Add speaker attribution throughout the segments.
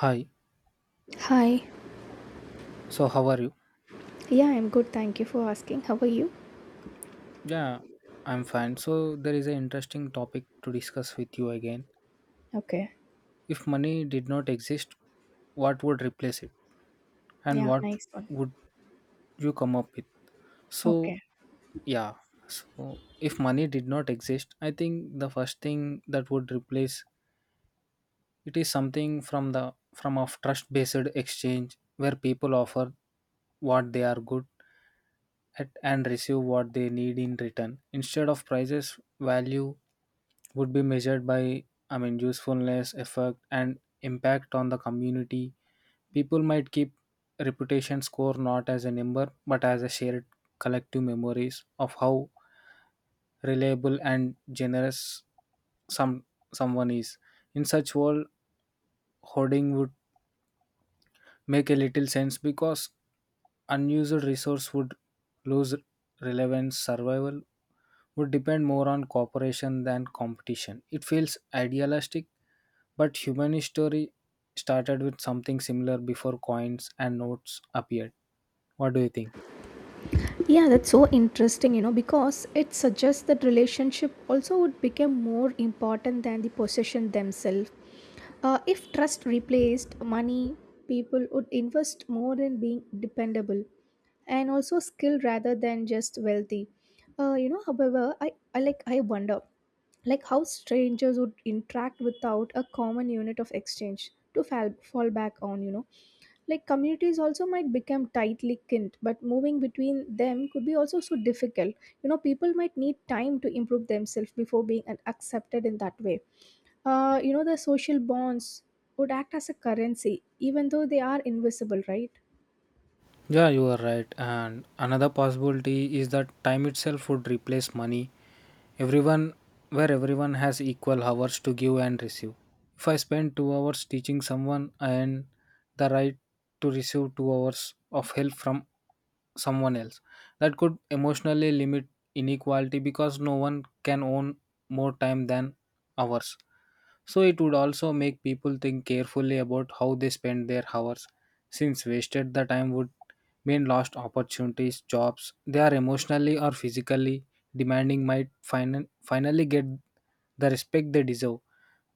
Speaker 1: Hi,
Speaker 2: Hi.
Speaker 1: so how are you?
Speaker 2: Yeah, I'm good. Thank you for asking. How are you?
Speaker 1: Yeah, I'm fine. So, there is an interesting topic to discuss with you again.
Speaker 2: Okay.
Speaker 1: If money did not exist, what would replace it? And
Speaker 2: Yeah,
Speaker 1: what
Speaker 2: nice one.
Speaker 1: would you come up with? So,
Speaker 2: Okay.
Speaker 1: yeah, so if money did not exist, I think the first thing that would replace it is something from the from a trust-based exchange where people offer what they are good at and receive what they need in return instead of prices value would be measured by, usefulness effect and impact on the community. People might keep reputation score not as a number but as a shared collective memories of how reliable and generous some someone is in such world. Hoarding would make a little sense because unused resource would lose relevance. Survival would depend more on cooperation than competition. It feels idealistic, but human history started with something similar before coins and notes appeared. What do you think?
Speaker 2: Yeah, that's so interesting, you know, because it suggests that relationship also would become more important than the possession themselves. If trust replaced money, people would invest more in being dependable and also skilled rather than just wealthy. However, I like I wonder like how strangers would interact without a common unit of exchange to fall back on. Like communities also might become tightly kinked, but moving between them could be also so difficult, you know. People might need time to improve themselves before being accepted in that way. You know the social bonds would act as a currency even though they are invisible, right?
Speaker 1: Yeah, you are right. And another possibility is that time itself would replace money. Everyone, where everyone has equal hours to give and receive. If I spend 2 hours teaching someone, I earn the right to receive 2 hours of help from someone else. That could emotionally limit inequality because no one can own more time than hours. So it would also make people think carefully about how they spend their hours, since wasted the time would mean lost opportunities, jobs they are emotionally or physically demanding might finally get the respect they deserve.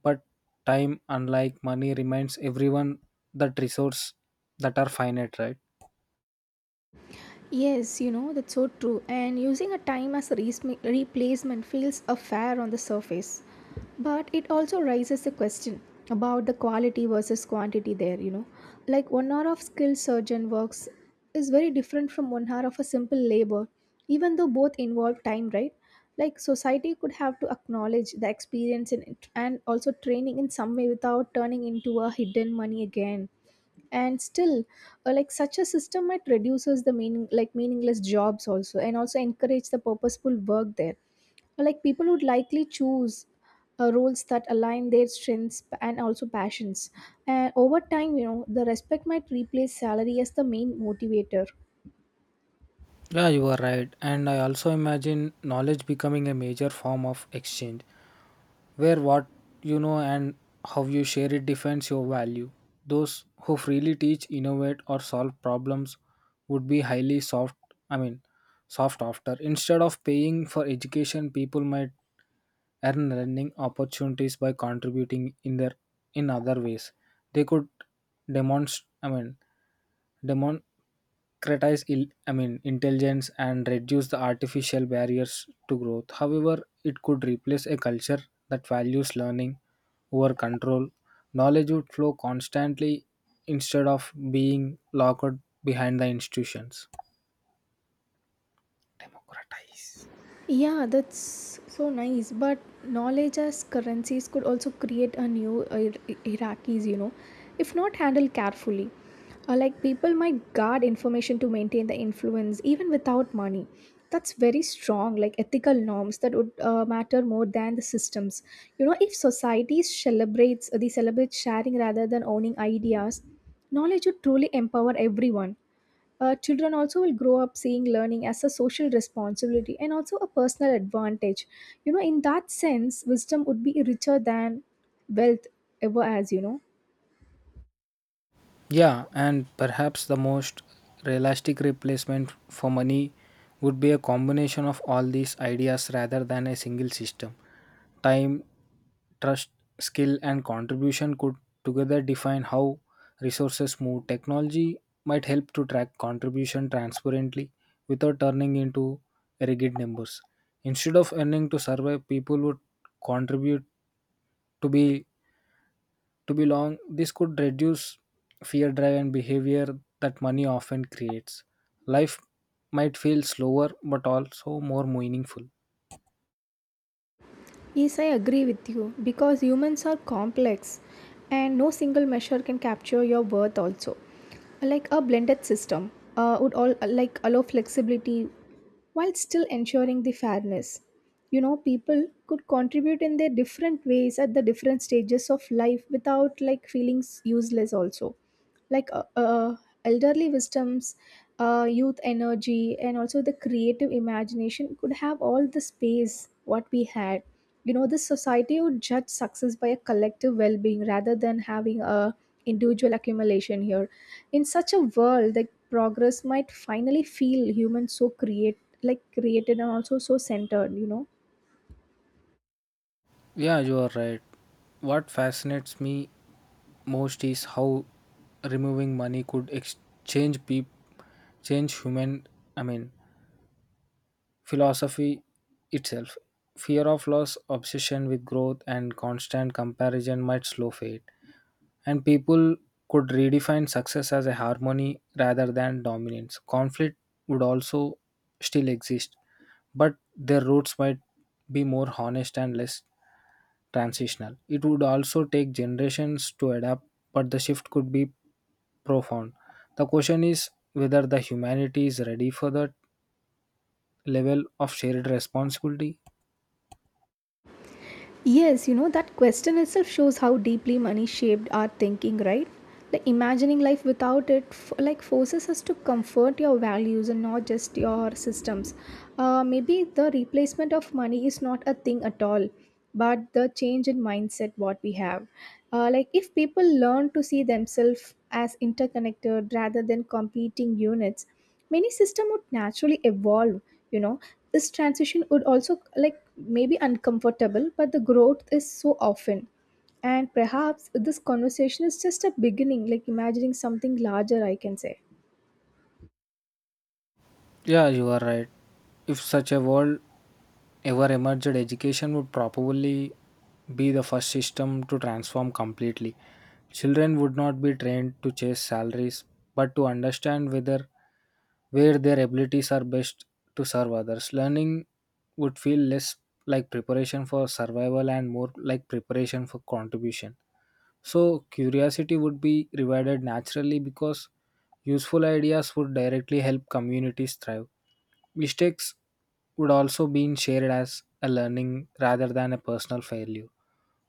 Speaker 1: But time, unlike money, reminds everyone that resources that are finite, right?
Speaker 2: Yes, you know, that's so true. And using a time as a replacement feels a fair on the surface. But it also raises the question about the quality versus quantity there, you know. Like one hour of skilled surgeon works is very different from one hour of a simple labor, even though both involve time, right? Like society could have to acknowledge the experience in it and also training in some way without turning into a hidden money again. And still, like such a system might reduces the meaning like meaningless jobs also, and also encourage the purposeful work there. Or, like people would likely choose roles that align their strengths and also passions, and over time, you know, the respect might replace salary as the main motivator.
Speaker 1: Yeah, you are right. And I also imagine knowledge becoming a major form of exchange, where what you know and how you share it defines your value. Those who freely teach, innovate, or solve problems would be highly soft, I mean, soft after. Instead of paying for education, people might earn learning opportunities by contributing in their in other ways. They could demonstrate, I mean, democratize I mean intelligence and reduce the artificial barriers to growth. However, it could replace a culture that values learning over control. Knowledge would flow constantly instead of being locked behind the institutions. Democratize.
Speaker 2: Yeah, that's so nice. But knowledge as currencies could also create a new hierarchies, you know, if not handled carefully. Like people might guard information to maintain the influence even without money. That's very strong, like ethical norms that would matter more than the systems. You know, if societies celebrate sharing rather than owning ideas, knowledge would truly empower everyone. Children also will grow up seeing learning as a social responsibility and also a personal advantage. You know, in that sense wisdom would be richer than wealth ever has, you know.
Speaker 1: Yeah, and perhaps the most realistic replacement for money would be a combination of all these ideas rather than a single system. Time, trust, skill, and contribution could together define how resources move. Technology might help to track contribution transparently without turning into rigid numbers. Instead of earning to survive, people would contribute to be to be long. This could reduce fear drive and behavior that money often creates. Life might feel slower but also more meaningful.
Speaker 2: Yes, I agree with you because humans are complex and no single measure can capture your worth also. Like a blended system would all like allow flexibility while still ensuring the fairness. You know, people could contribute in their different ways at the different stages of life without like feeling useless also, like elderly wisdoms, youth energy, and also the creative imagination could have all the space what we had. You know, this society would judge success by a collective well-being rather than having a individual accumulation here. In such a world, the progress might finally feel human, so create like created and also so centered, you know.
Speaker 1: Yeah, you are right. What fascinates me most is how removing money could exchange peop change human, I mean, philosophy itself. Fear of loss, obsession with growth, and constant comparison might slow fate. And people could redefine success as a harmony rather than dominance. Conflict would also still exist, but their roots might be more honest and less transitional. It would also take generations to adapt, but the shift could be profound. The question is whether the humanity is ready for that level of shared responsibility.
Speaker 2: Yes, you know, that question itself shows how deeply money shaped our thinking, right? Like imagining life without it, like forces us to comfort your values and not just your systems. Maybe the replacement of money is not a thing at all, but the change in mindset what we have. Like if people learn to see themselves as interconnected rather than competing units, many system would naturally evolve, you know. This transition would also like maybe uncomfortable, but the growth is so often, and perhaps this conversation is just a beginning, like imagining something larger, I can say.
Speaker 1: Yeah, you are right. If such a world ever emerged, education would probably be the first system to transform completely. Children would not be trained to chase salaries, but to understand whether where their abilities are best to serve others. Learning would feel less like preparation for survival and more like preparation for contribution. So, curiosity would be rewarded naturally because useful ideas would directly help communities thrive. Mistakes would also be shared as a learning rather than a personal failure.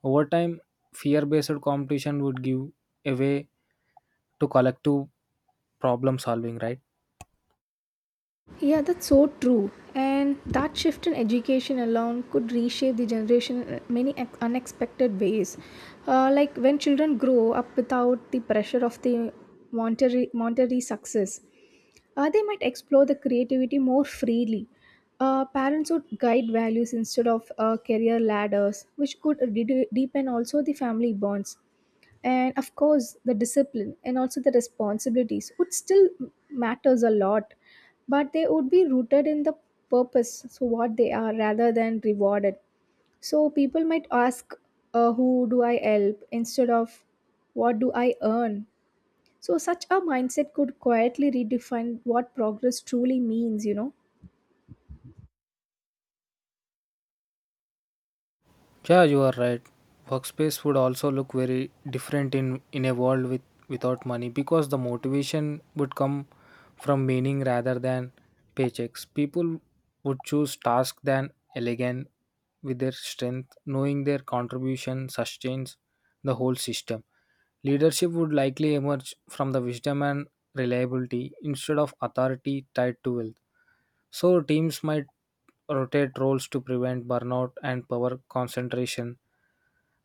Speaker 1: Over time, fear based competition would give a way to collective problem solving, right?
Speaker 2: Yeah, that's so true, and that shift in education alone could reshape the generation in many unexpected ways. Like when children grow up without the pressure of the monetary success, they might explore the creativity more freely. Parents would guide values instead of career ladders, which could deepen also the family bonds. And of course, the discipline and also the responsibilities would still matters a lot, but they would be rooted in the purpose, so what they are, rather than rewarded. So people might ask, "Who do I help?" instead of "What do I earn?" So, such a mindset could quietly redefine what progress truly means, you know.
Speaker 1: Yeah, you are right. Workspace would also look very different in a world without money because the motivation would come from meaning rather than paychecks. People would choose tasks than elegant with their strength, knowing their contribution sustains the whole system. Leadership would likely emerge from the wisdom and reliability instead of authority tied to wealth. So teams might rotate roles to prevent burnout and power concentration.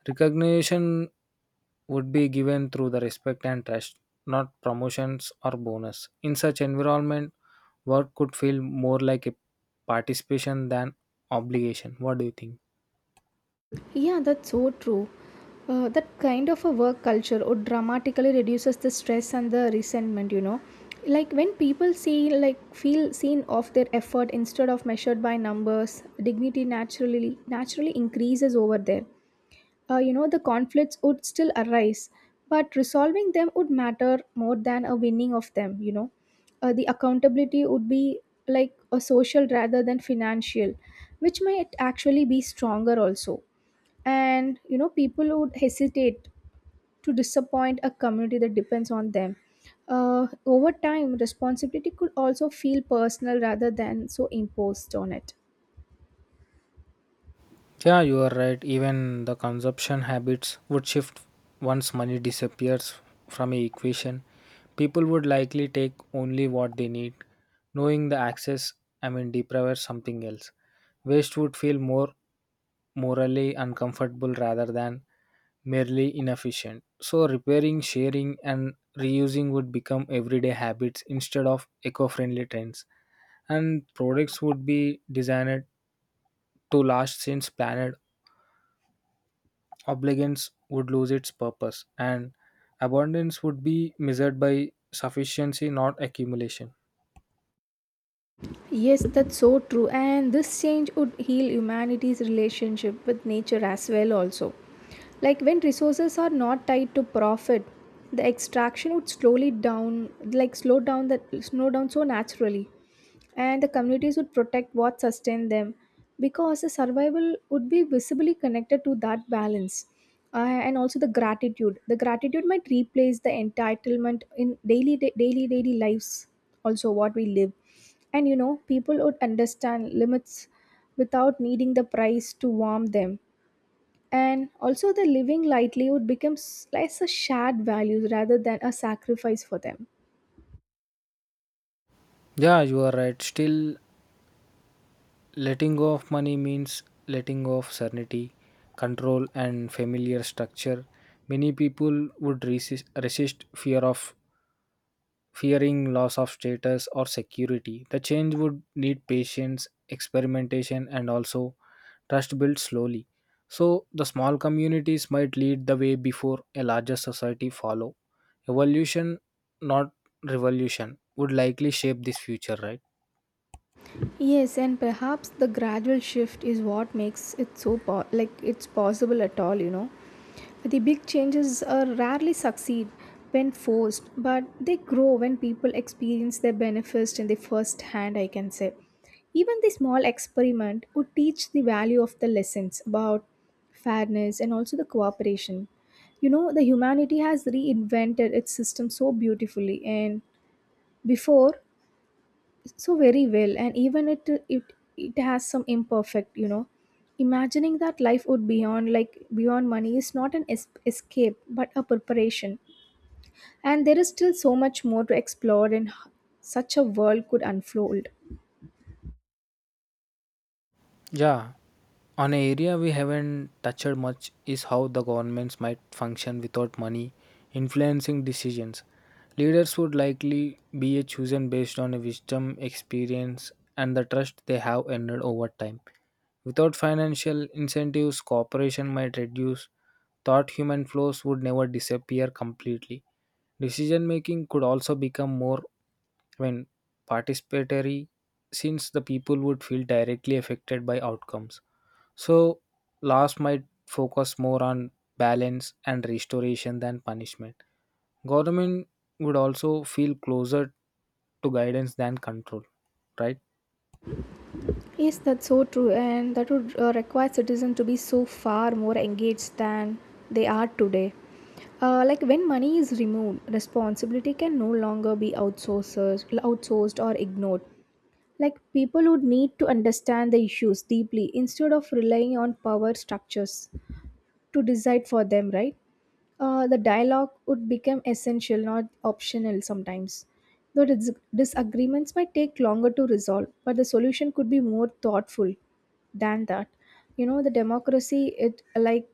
Speaker 1: Recognition would be given through the respect and trust, not promotions or bonus. In such environment, work could feel more like a participation than obligation. What do you think?
Speaker 2: Yeah, that's so true. That kind of a work culture would dramatically reduces the stress and the resentment, you know. Like when people see, like feel seen of their effort instead of measured by numbers, dignity naturally increases over there. You know the conflicts would still arise, but resolving them would matter more than a winning of them, you know. The accountability would be like a social rather than financial, which might actually be stronger also. And you know, people would hesitate to disappoint a community that depends on them. Over time, responsibility could also feel personal rather than so imposed on it.
Speaker 1: Yeah, you are right. Even the consumption habits would shift once money disappears from a equation. People would likely take only what they need, knowing the access, I mean, deprives something else. Waste would feel more morally uncomfortable rather than merely inefficient. So, repairing, sharing, and reusing would become everyday habits instead of eco friendly trends. And products would be designed to last since planet Obligance would lose its purpose, and abundance would be measured by sufficiency, not accumulation.
Speaker 2: Yes, that's so true. And this change would heal humanity's relationship with nature as well, also. Like when resources are not tied to profit, the extraction would slowly down, like slow down that slow down so naturally, and the communities would protect what sustained them because the survival would be visibly connected to that balance. And also the gratitude might replace the entitlement in daily daily lives also what we live. And you know, people would understand limits without needing the price to warm them, and also the living lightly would become less a shared values rather than a sacrifice for them.
Speaker 1: Yeah, you are right. Still, letting go of money means letting go of certainty, control, and familiar structure. Many people would resist, fearing loss of status or security. The change would need patience, experimentation, and also trust built slowly. So the small communities might lead the way before a larger society follow. Evolution, not revolution, would likely shape this future, right?
Speaker 2: Yes, and perhaps the gradual shift is what makes it so like it's possible at all, you know. The big changes rarely succeed when forced, but they grow when people experience their benefits in the first hand, I can say. Even the small experiment would teach the value of the lessons about fairness and also the cooperation. You know, the humanity has reinvented its system so beautifully, and before so very well, and even it has some imperfect, you know. Imagining that life would beyond like beyond money is not an escape but a preparation, and there is still so much more to explore, and such a world could unfold.
Speaker 1: Yeah. An area we haven't touched much is how the governments might function without money influencing decisions. Leaders would likely be chosen based on a wisdom, experience, and the trust they have earned over time. Without financial incentives, cooperation might reduce. Thought human flows would never disappear completely. Decision making could also become more when participatory, since the people would feel directly affected by outcomes. So, laws might focus more on balance and restoration than punishment. Government would also feel closer to guidance than control, right?
Speaker 2: Yes, that's so true, and that would require citizens to be so far more engaged than they are today. Like when money is removed, responsibility can no longer be outsourced or ignored. Like people would need to understand the issues deeply instead of relying on power structures to decide for them, right? The dialogue would become essential, not optional sometimes. Though disagreements might take longer to resolve, but the solution could be more thoughtful than that. You know, the democracy it like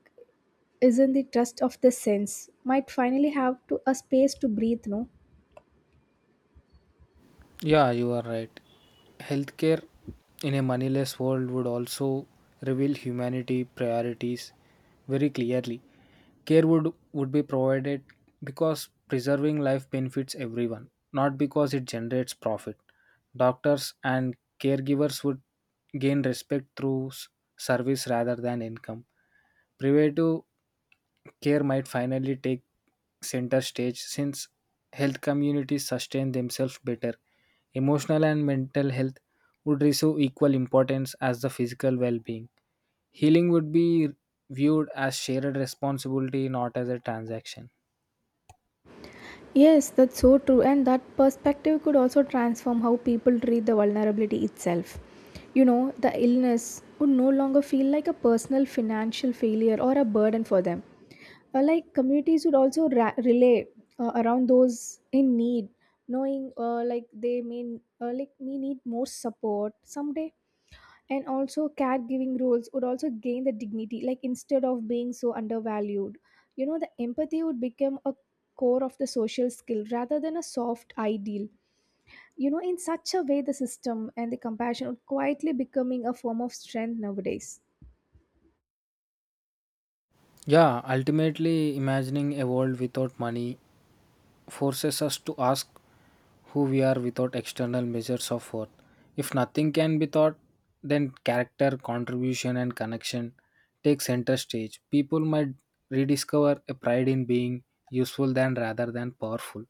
Speaker 2: is not the trust of the sense might finally have to a space to breathe, no.
Speaker 1: Yeah, you are right. Healthcare in a moneyless world would also reveal humanity priorities very clearly. Would be provided because preserving life benefits everyone, not because it generates profit. Doctors and caregivers would gain respect through service rather than income. Preventive care might finally take center stage since health communities sustain themselves better. Emotional and mental health would receive equal importance as the physical well being. Healing would be viewed as shared responsibility, not as a transaction.
Speaker 2: Yes, that's so true, and that perspective could also transform how people treat the vulnerability itself. You know, the illness would no longer feel like a personal financial failure or a burden for them. Like communities would also relay, around those in need, knowing like they may like may need more support someday. And also caregiving roles would also gain the dignity, like instead of being so undervalued. You know, the empathy would become a core of the social skill rather than a soft ideal. You know, in such a way the system and the compassion would quietly becoming a form of strength nowadays.
Speaker 1: Yeah, ultimately, imagining a world without money forces us to ask who we are without external measures of worth. If nothing can be taught, then character, contribution, and connection take center stage. People might rediscover a pride in being useful than rather than powerful.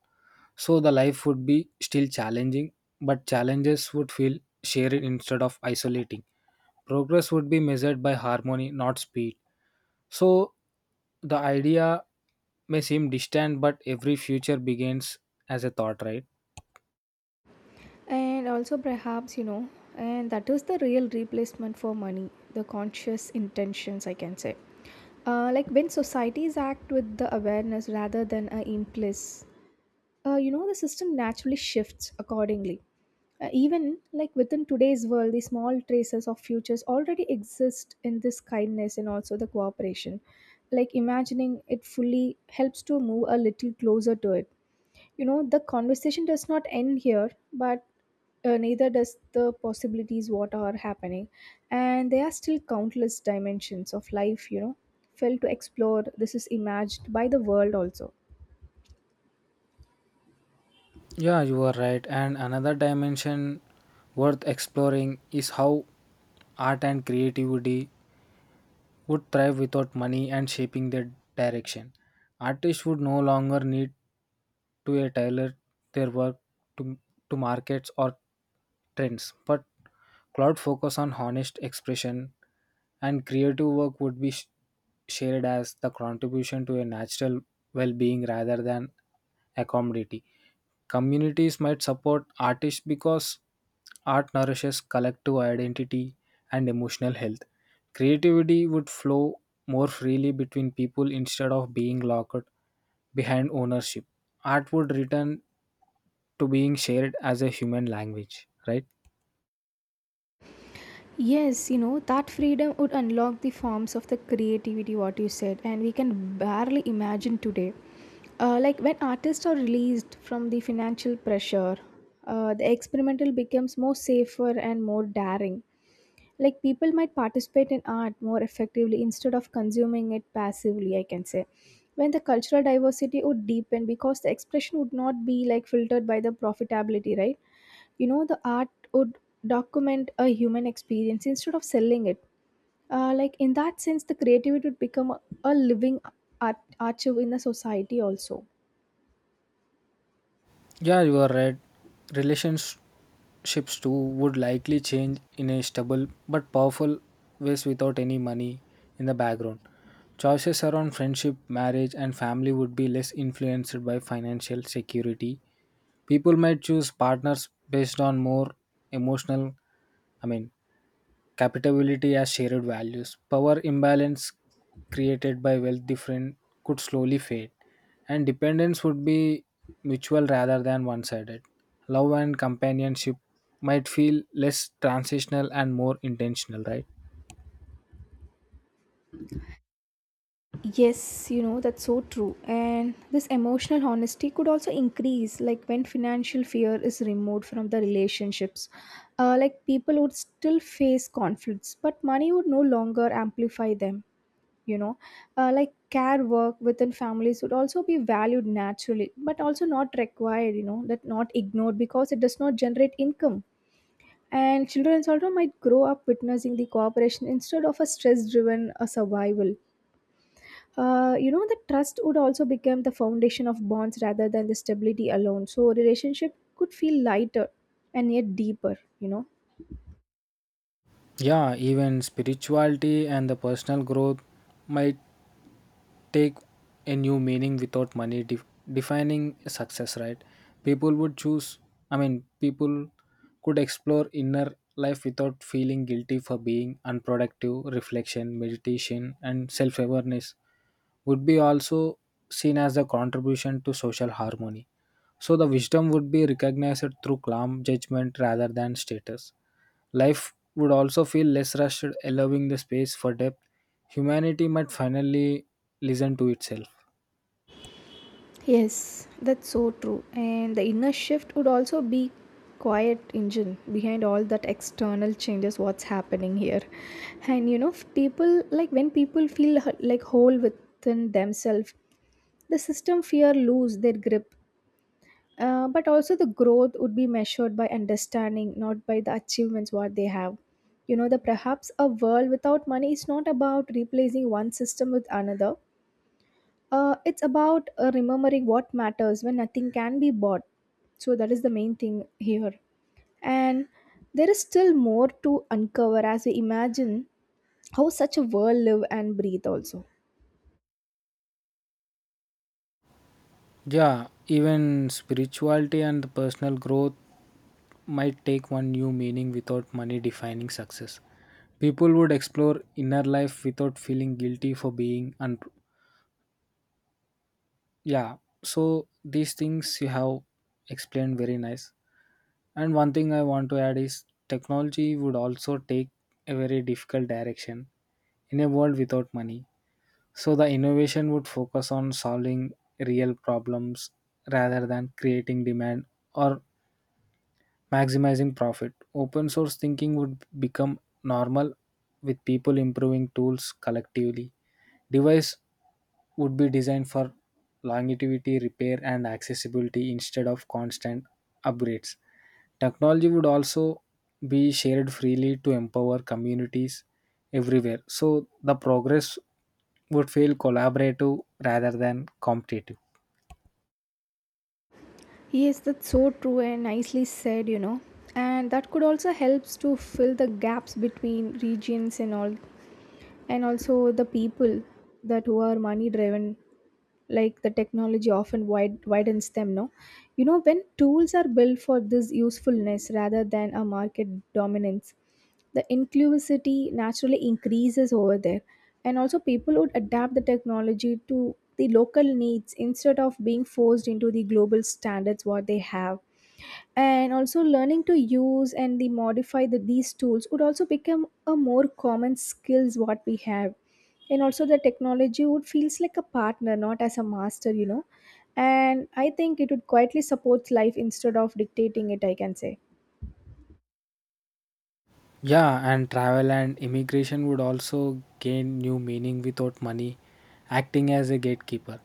Speaker 1: So the life would be still challenging, but challenges would feel shared instead of isolating. Progress would be measured by harmony, not speed. So the idea may seem distant, but every future begins as a thought, right?
Speaker 2: And also perhaps, you know, and that is the real replacement for money, the conscious intentions, I can say. Like when societies act with the awareness rather than a impulse, you know the system naturally shifts accordingly. Even like within today's world, the small traces of futures already exist in this kindness and also the cooperation, like imagining it fully helps to move a little closer to it. You know, the conversation does not end here, but neither does the possibilities what are happening, and there are still countless dimensions of life, you know, felt to explore this is imagined by the world also.
Speaker 1: Yeah, you are right. And another dimension worth exploring is how art and creativity would thrive without money and shaping their direction. Artists would no longer need to a tailor their work to, to markets or trends, but cloud focus on honest expression and creative work would be shared as the contribution to a natural well-being rather than a commodity. Communities might support artists because art nourishes collective identity and emotional health. Creativity would flow more freely between people instead of being locked behind ownership. Art would return to being shared as a human language, right?
Speaker 2: Yes, you know, that freedom would unlock the forms of the creativity, what you said, and we can barely imagine today. Like when artists are released from the financial pressure, the experimental becomes more safer and more daring. Like people might participate in art more effectively instead of consuming it passively, I can say. When the cultural diversity would deepen because the expression would not be like filtered by the profitability, right? You know, the art would document a human experience instead of selling it. Like in that sense the creativity would become a living art, archive in the society also.
Speaker 1: Yeah, you are right. Relationships too would likely change in a stable but powerful ways without any money in the background. Choices around friendship, marriage, and family would be less influenced by financial security. People might choose partners based on more emotional, I mean, capitability as shared values. Power imbalance created by wealth difference could slowly fade, and dependence would be mutual rather than one sided. Love and companionship might feel less transitional and more intentional, right?
Speaker 2: Yes, you know, that's so true, and this emotional honesty could also increase like when financial fear is removed from the relationships. Like people would still face conflicts, but money would no longer amplify them, you know. Like care work within families would also be valued naturally but also not required, you know, that not ignored because it does not generate income. And children also might grow up witnessing the cooperation instead of a stress driven survival. You know, the trust would also become the foundation of bonds rather than the stability alone, so relationship could feel lighter and yet deeper, you know.
Speaker 1: Yeah, even spirituality and the personal growth might take a new meaning without money defining success, right? people would choose I mean, people could explore inner life without feeling guilty for being unproductive. Reflection, meditation, and self-awareness would be also seen as a contribution to social harmony. So the wisdom would be recognized through calm judgment rather than status. Life would also feel less rushed, allowing the space for depth. Humanity might finally listen to itself.
Speaker 2: Yes, that's so true. And the inner shift would also be quiet engine behind all that external changes what's happening here. And you know, people, like when people feel like whole within themselves, the system fear lose their grip. But also the growth would be measured by understanding, not by the achievements what they have. You know, the perhaps a world without money is not about replacing one system with another. It's about remembering what matters when nothing can be bought. So that is the main thing here. And there is still more to uncover as we imagine how such a world live and breathe also.
Speaker 1: Yeah, even spirituality and personal growth might take one new meaning without money defining success. People would explore inner life without feeling guilty for being yeah, so these things you have explained very nice. And one thing I want to add is technology would also take a very difficult direction in a world without money. So the innovation would focus on solving real problems rather than creating demand or maximizing profit. Open source thinking would become normal with people improving tools collectively. Device would be designed for longevity, repair, and accessibility instead of constant upgrades. Technology would also be shared freely to empower communities everywhere. So the progress would feel collaborative rather than competitive.
Speaker 2: Yes, that's so true and nicely said, you know. And that could also helps to fill the gaps between regions and all, and also the people that who are money driven. Like the technology often widens them, no? You know, when tools are built for this usefulness rather than a market dominance, the inclusivity naturally increases over there. And also people would adapt the technology to the local needs instead of being forced into the global standards what they have. And also learning to use and the modify these tools would also become a more common skills what we have. And also the technology would feels like a partner, not as a master, you know. And I think it would quietly support life instead of dictating it, I can say.
Speaker 1: Yeah, and travel and immigration would also gain new meaning without money, acting as a gatekeeper.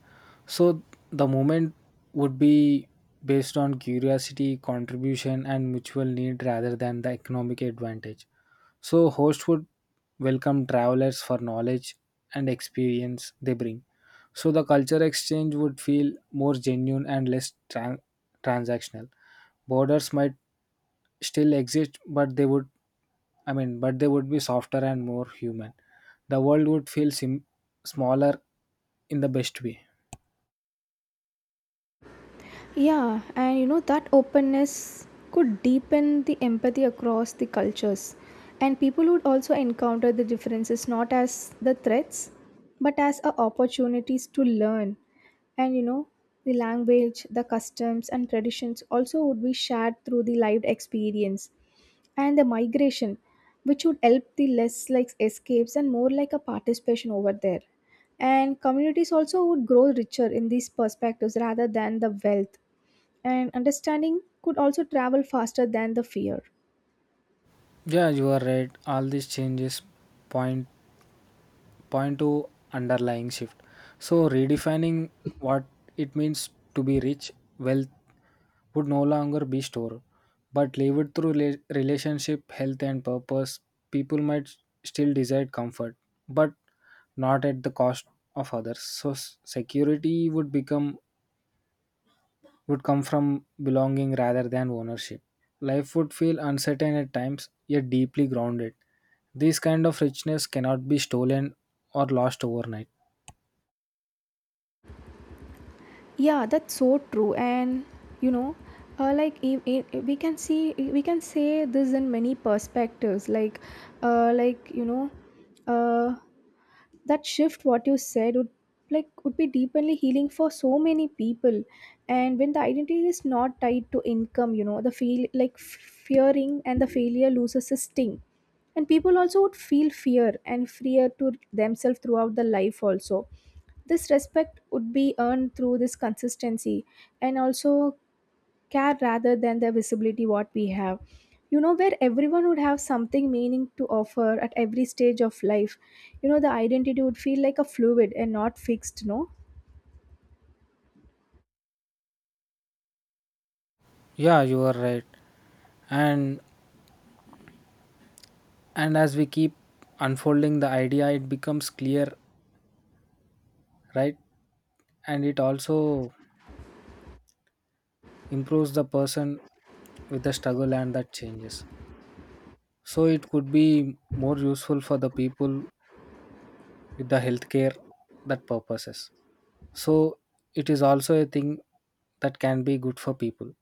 Speaker 1: So the moment would be based on curiosity, contribution, and mutual need rather than the economic advantage. So, host would welcome travelers for knowledge and experience they bring. So, the culture exchange would feel more genuine and less transactional. Borders might still exist, but they would, I mean, but they would be softer and more human. The world would feel smaller in the best way.
Speaker 2: Yeah, and you know that openness could deepen the empathy across the cultures. And people would also encounter the differences not as the threats, but as a opportunities to learn. And you know, the language, the customs and traditions also would be shared through the lived experience and the migration, which would help the less like escapes and more like a participation over there. And communities also would grow richer in these perspectives rather than the wealth, and understanding could also travel faster than the fear.
Speaker 1: Yeah, you are right. All these changes point Point to underlying shift. So, redefining what it means to be rich, wealth would no longer be stored, but lived through relationship, health, and purpose. People might still desire comfort, but not at the cost of others. So, security would become would come from belonging rather than ownership. Life would feel uncertain at times, yet deeply grounded. This kind of richness cannot be stolen or lost overnight.
Speaker 2: Yeah, that's so true. And you know, like if we can see, we can say this in many perspectives, like like, you know, uh, that shift what you said would, like, would be deeply healing for so many people. And when the identity is not tied to income, you know, the feel like fearing and the failure loses its sting. And people also would feel fear and freer to themselves throughout the life also. This respect would be earned through this consistency and also care rather than the visibility what we have, you know, where everyone would have something meaning to offer at every stage of life. You know, the identity would feel like a fluid and not fixed, no?
Speaker 1: Yeah, you are right. And and as we keep unfolding the idea, it becomes clear, right? And it also improves the person with the struggle and that changes. So it could be more useful for the people with the healthcare that purposes. So it is also a thing that can be good for people.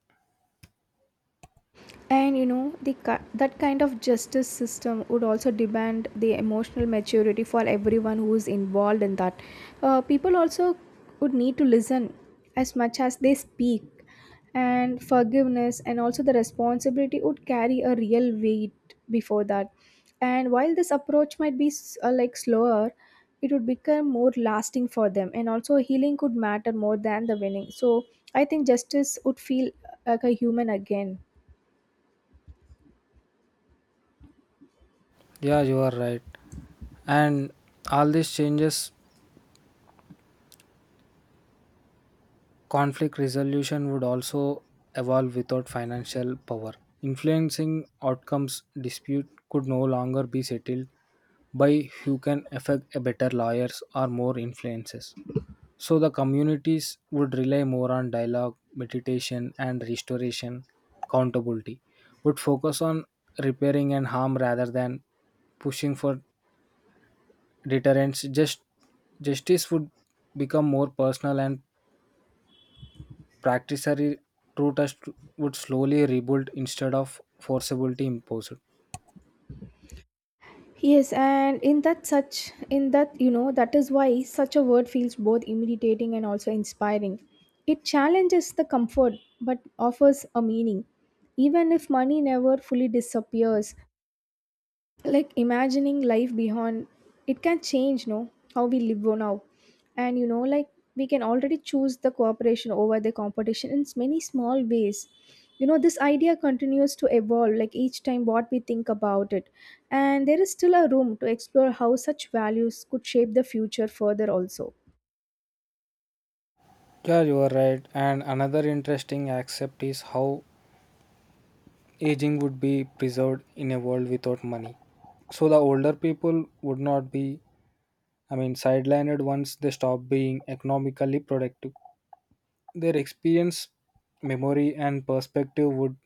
Speaker 2: And you know, the that kind of justice system would also demand the emotional maturity for everyone who is involved in that. People also would need to listen as much as they speak, and forgiveness and also the responsibility would carry a real weight before that. And while this approach might be like slower, it would become more lasting for them, and also healing could matter more than the winning. So I think justice would feel like a human again.
Speaker 1: Yeah, you are right. And all these changes. Conflict resolution would also evolve without financial power, influencing outcomes. Dispute could no longer be settled by who can affect a better lawyers or more influences. So the communities would rely more on dialogue, meditation, and restoration. Accountability would focus on repairing and harm rather than pushing for deterrence. Justice would become more personal and practically true test would slowly rebuild instead of forcibly imposed.
Speaker 2: Yes, and in that, such in that, you know, that is why such a word feels both intimidating and also inspiring. It challenges the comfort but offers a meaning. Even if money never fully disappears, like imagining life beyond it can change, no, how we live now. And you know, like, we can already choose the cooperation over the competition in many small ways. You know, this idea continues to evolve like each time what we think about it, and there is still a room to explore how such values could shape the future further also.
Speaker 1: Yeah, you are right. And another interesting aspect is how aging would be preserved in a world without money. So the older people would not be, I mean, sidelined once they stop being economically productive. Their experience, memory, and perspective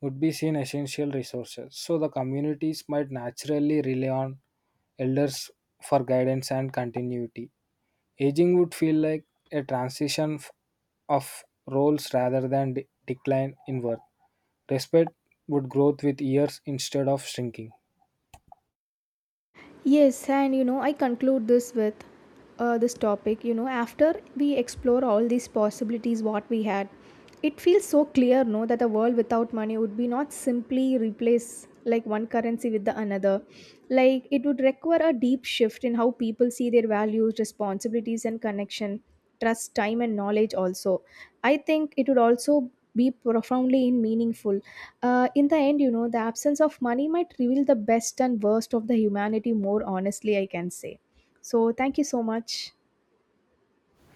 Speaker 1: would be seen essential resources. So the communities might naturally rely on elders for guidance and continuity. Aging would feel like a transition of roles rather than decline in worth. Respect would grow with years instead of shrinking.
Speaker 2: Yes, and you know, I conclude this with this topic. You know, after we explore all these possibilities, what we had, it feels so clear, no, that a world without money would be not simply replace like one currency with the another. Like it would require a deep shift in how people see their values, responsibilities, and connection, trust, time and knowledge also. I think it would also be profoundly in meaningful in the end. You know, the absence of money might reveal the best and worst of the humanity more honestly, I can say. So thank you so much.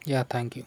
Speaker 1: Yeah, thank you.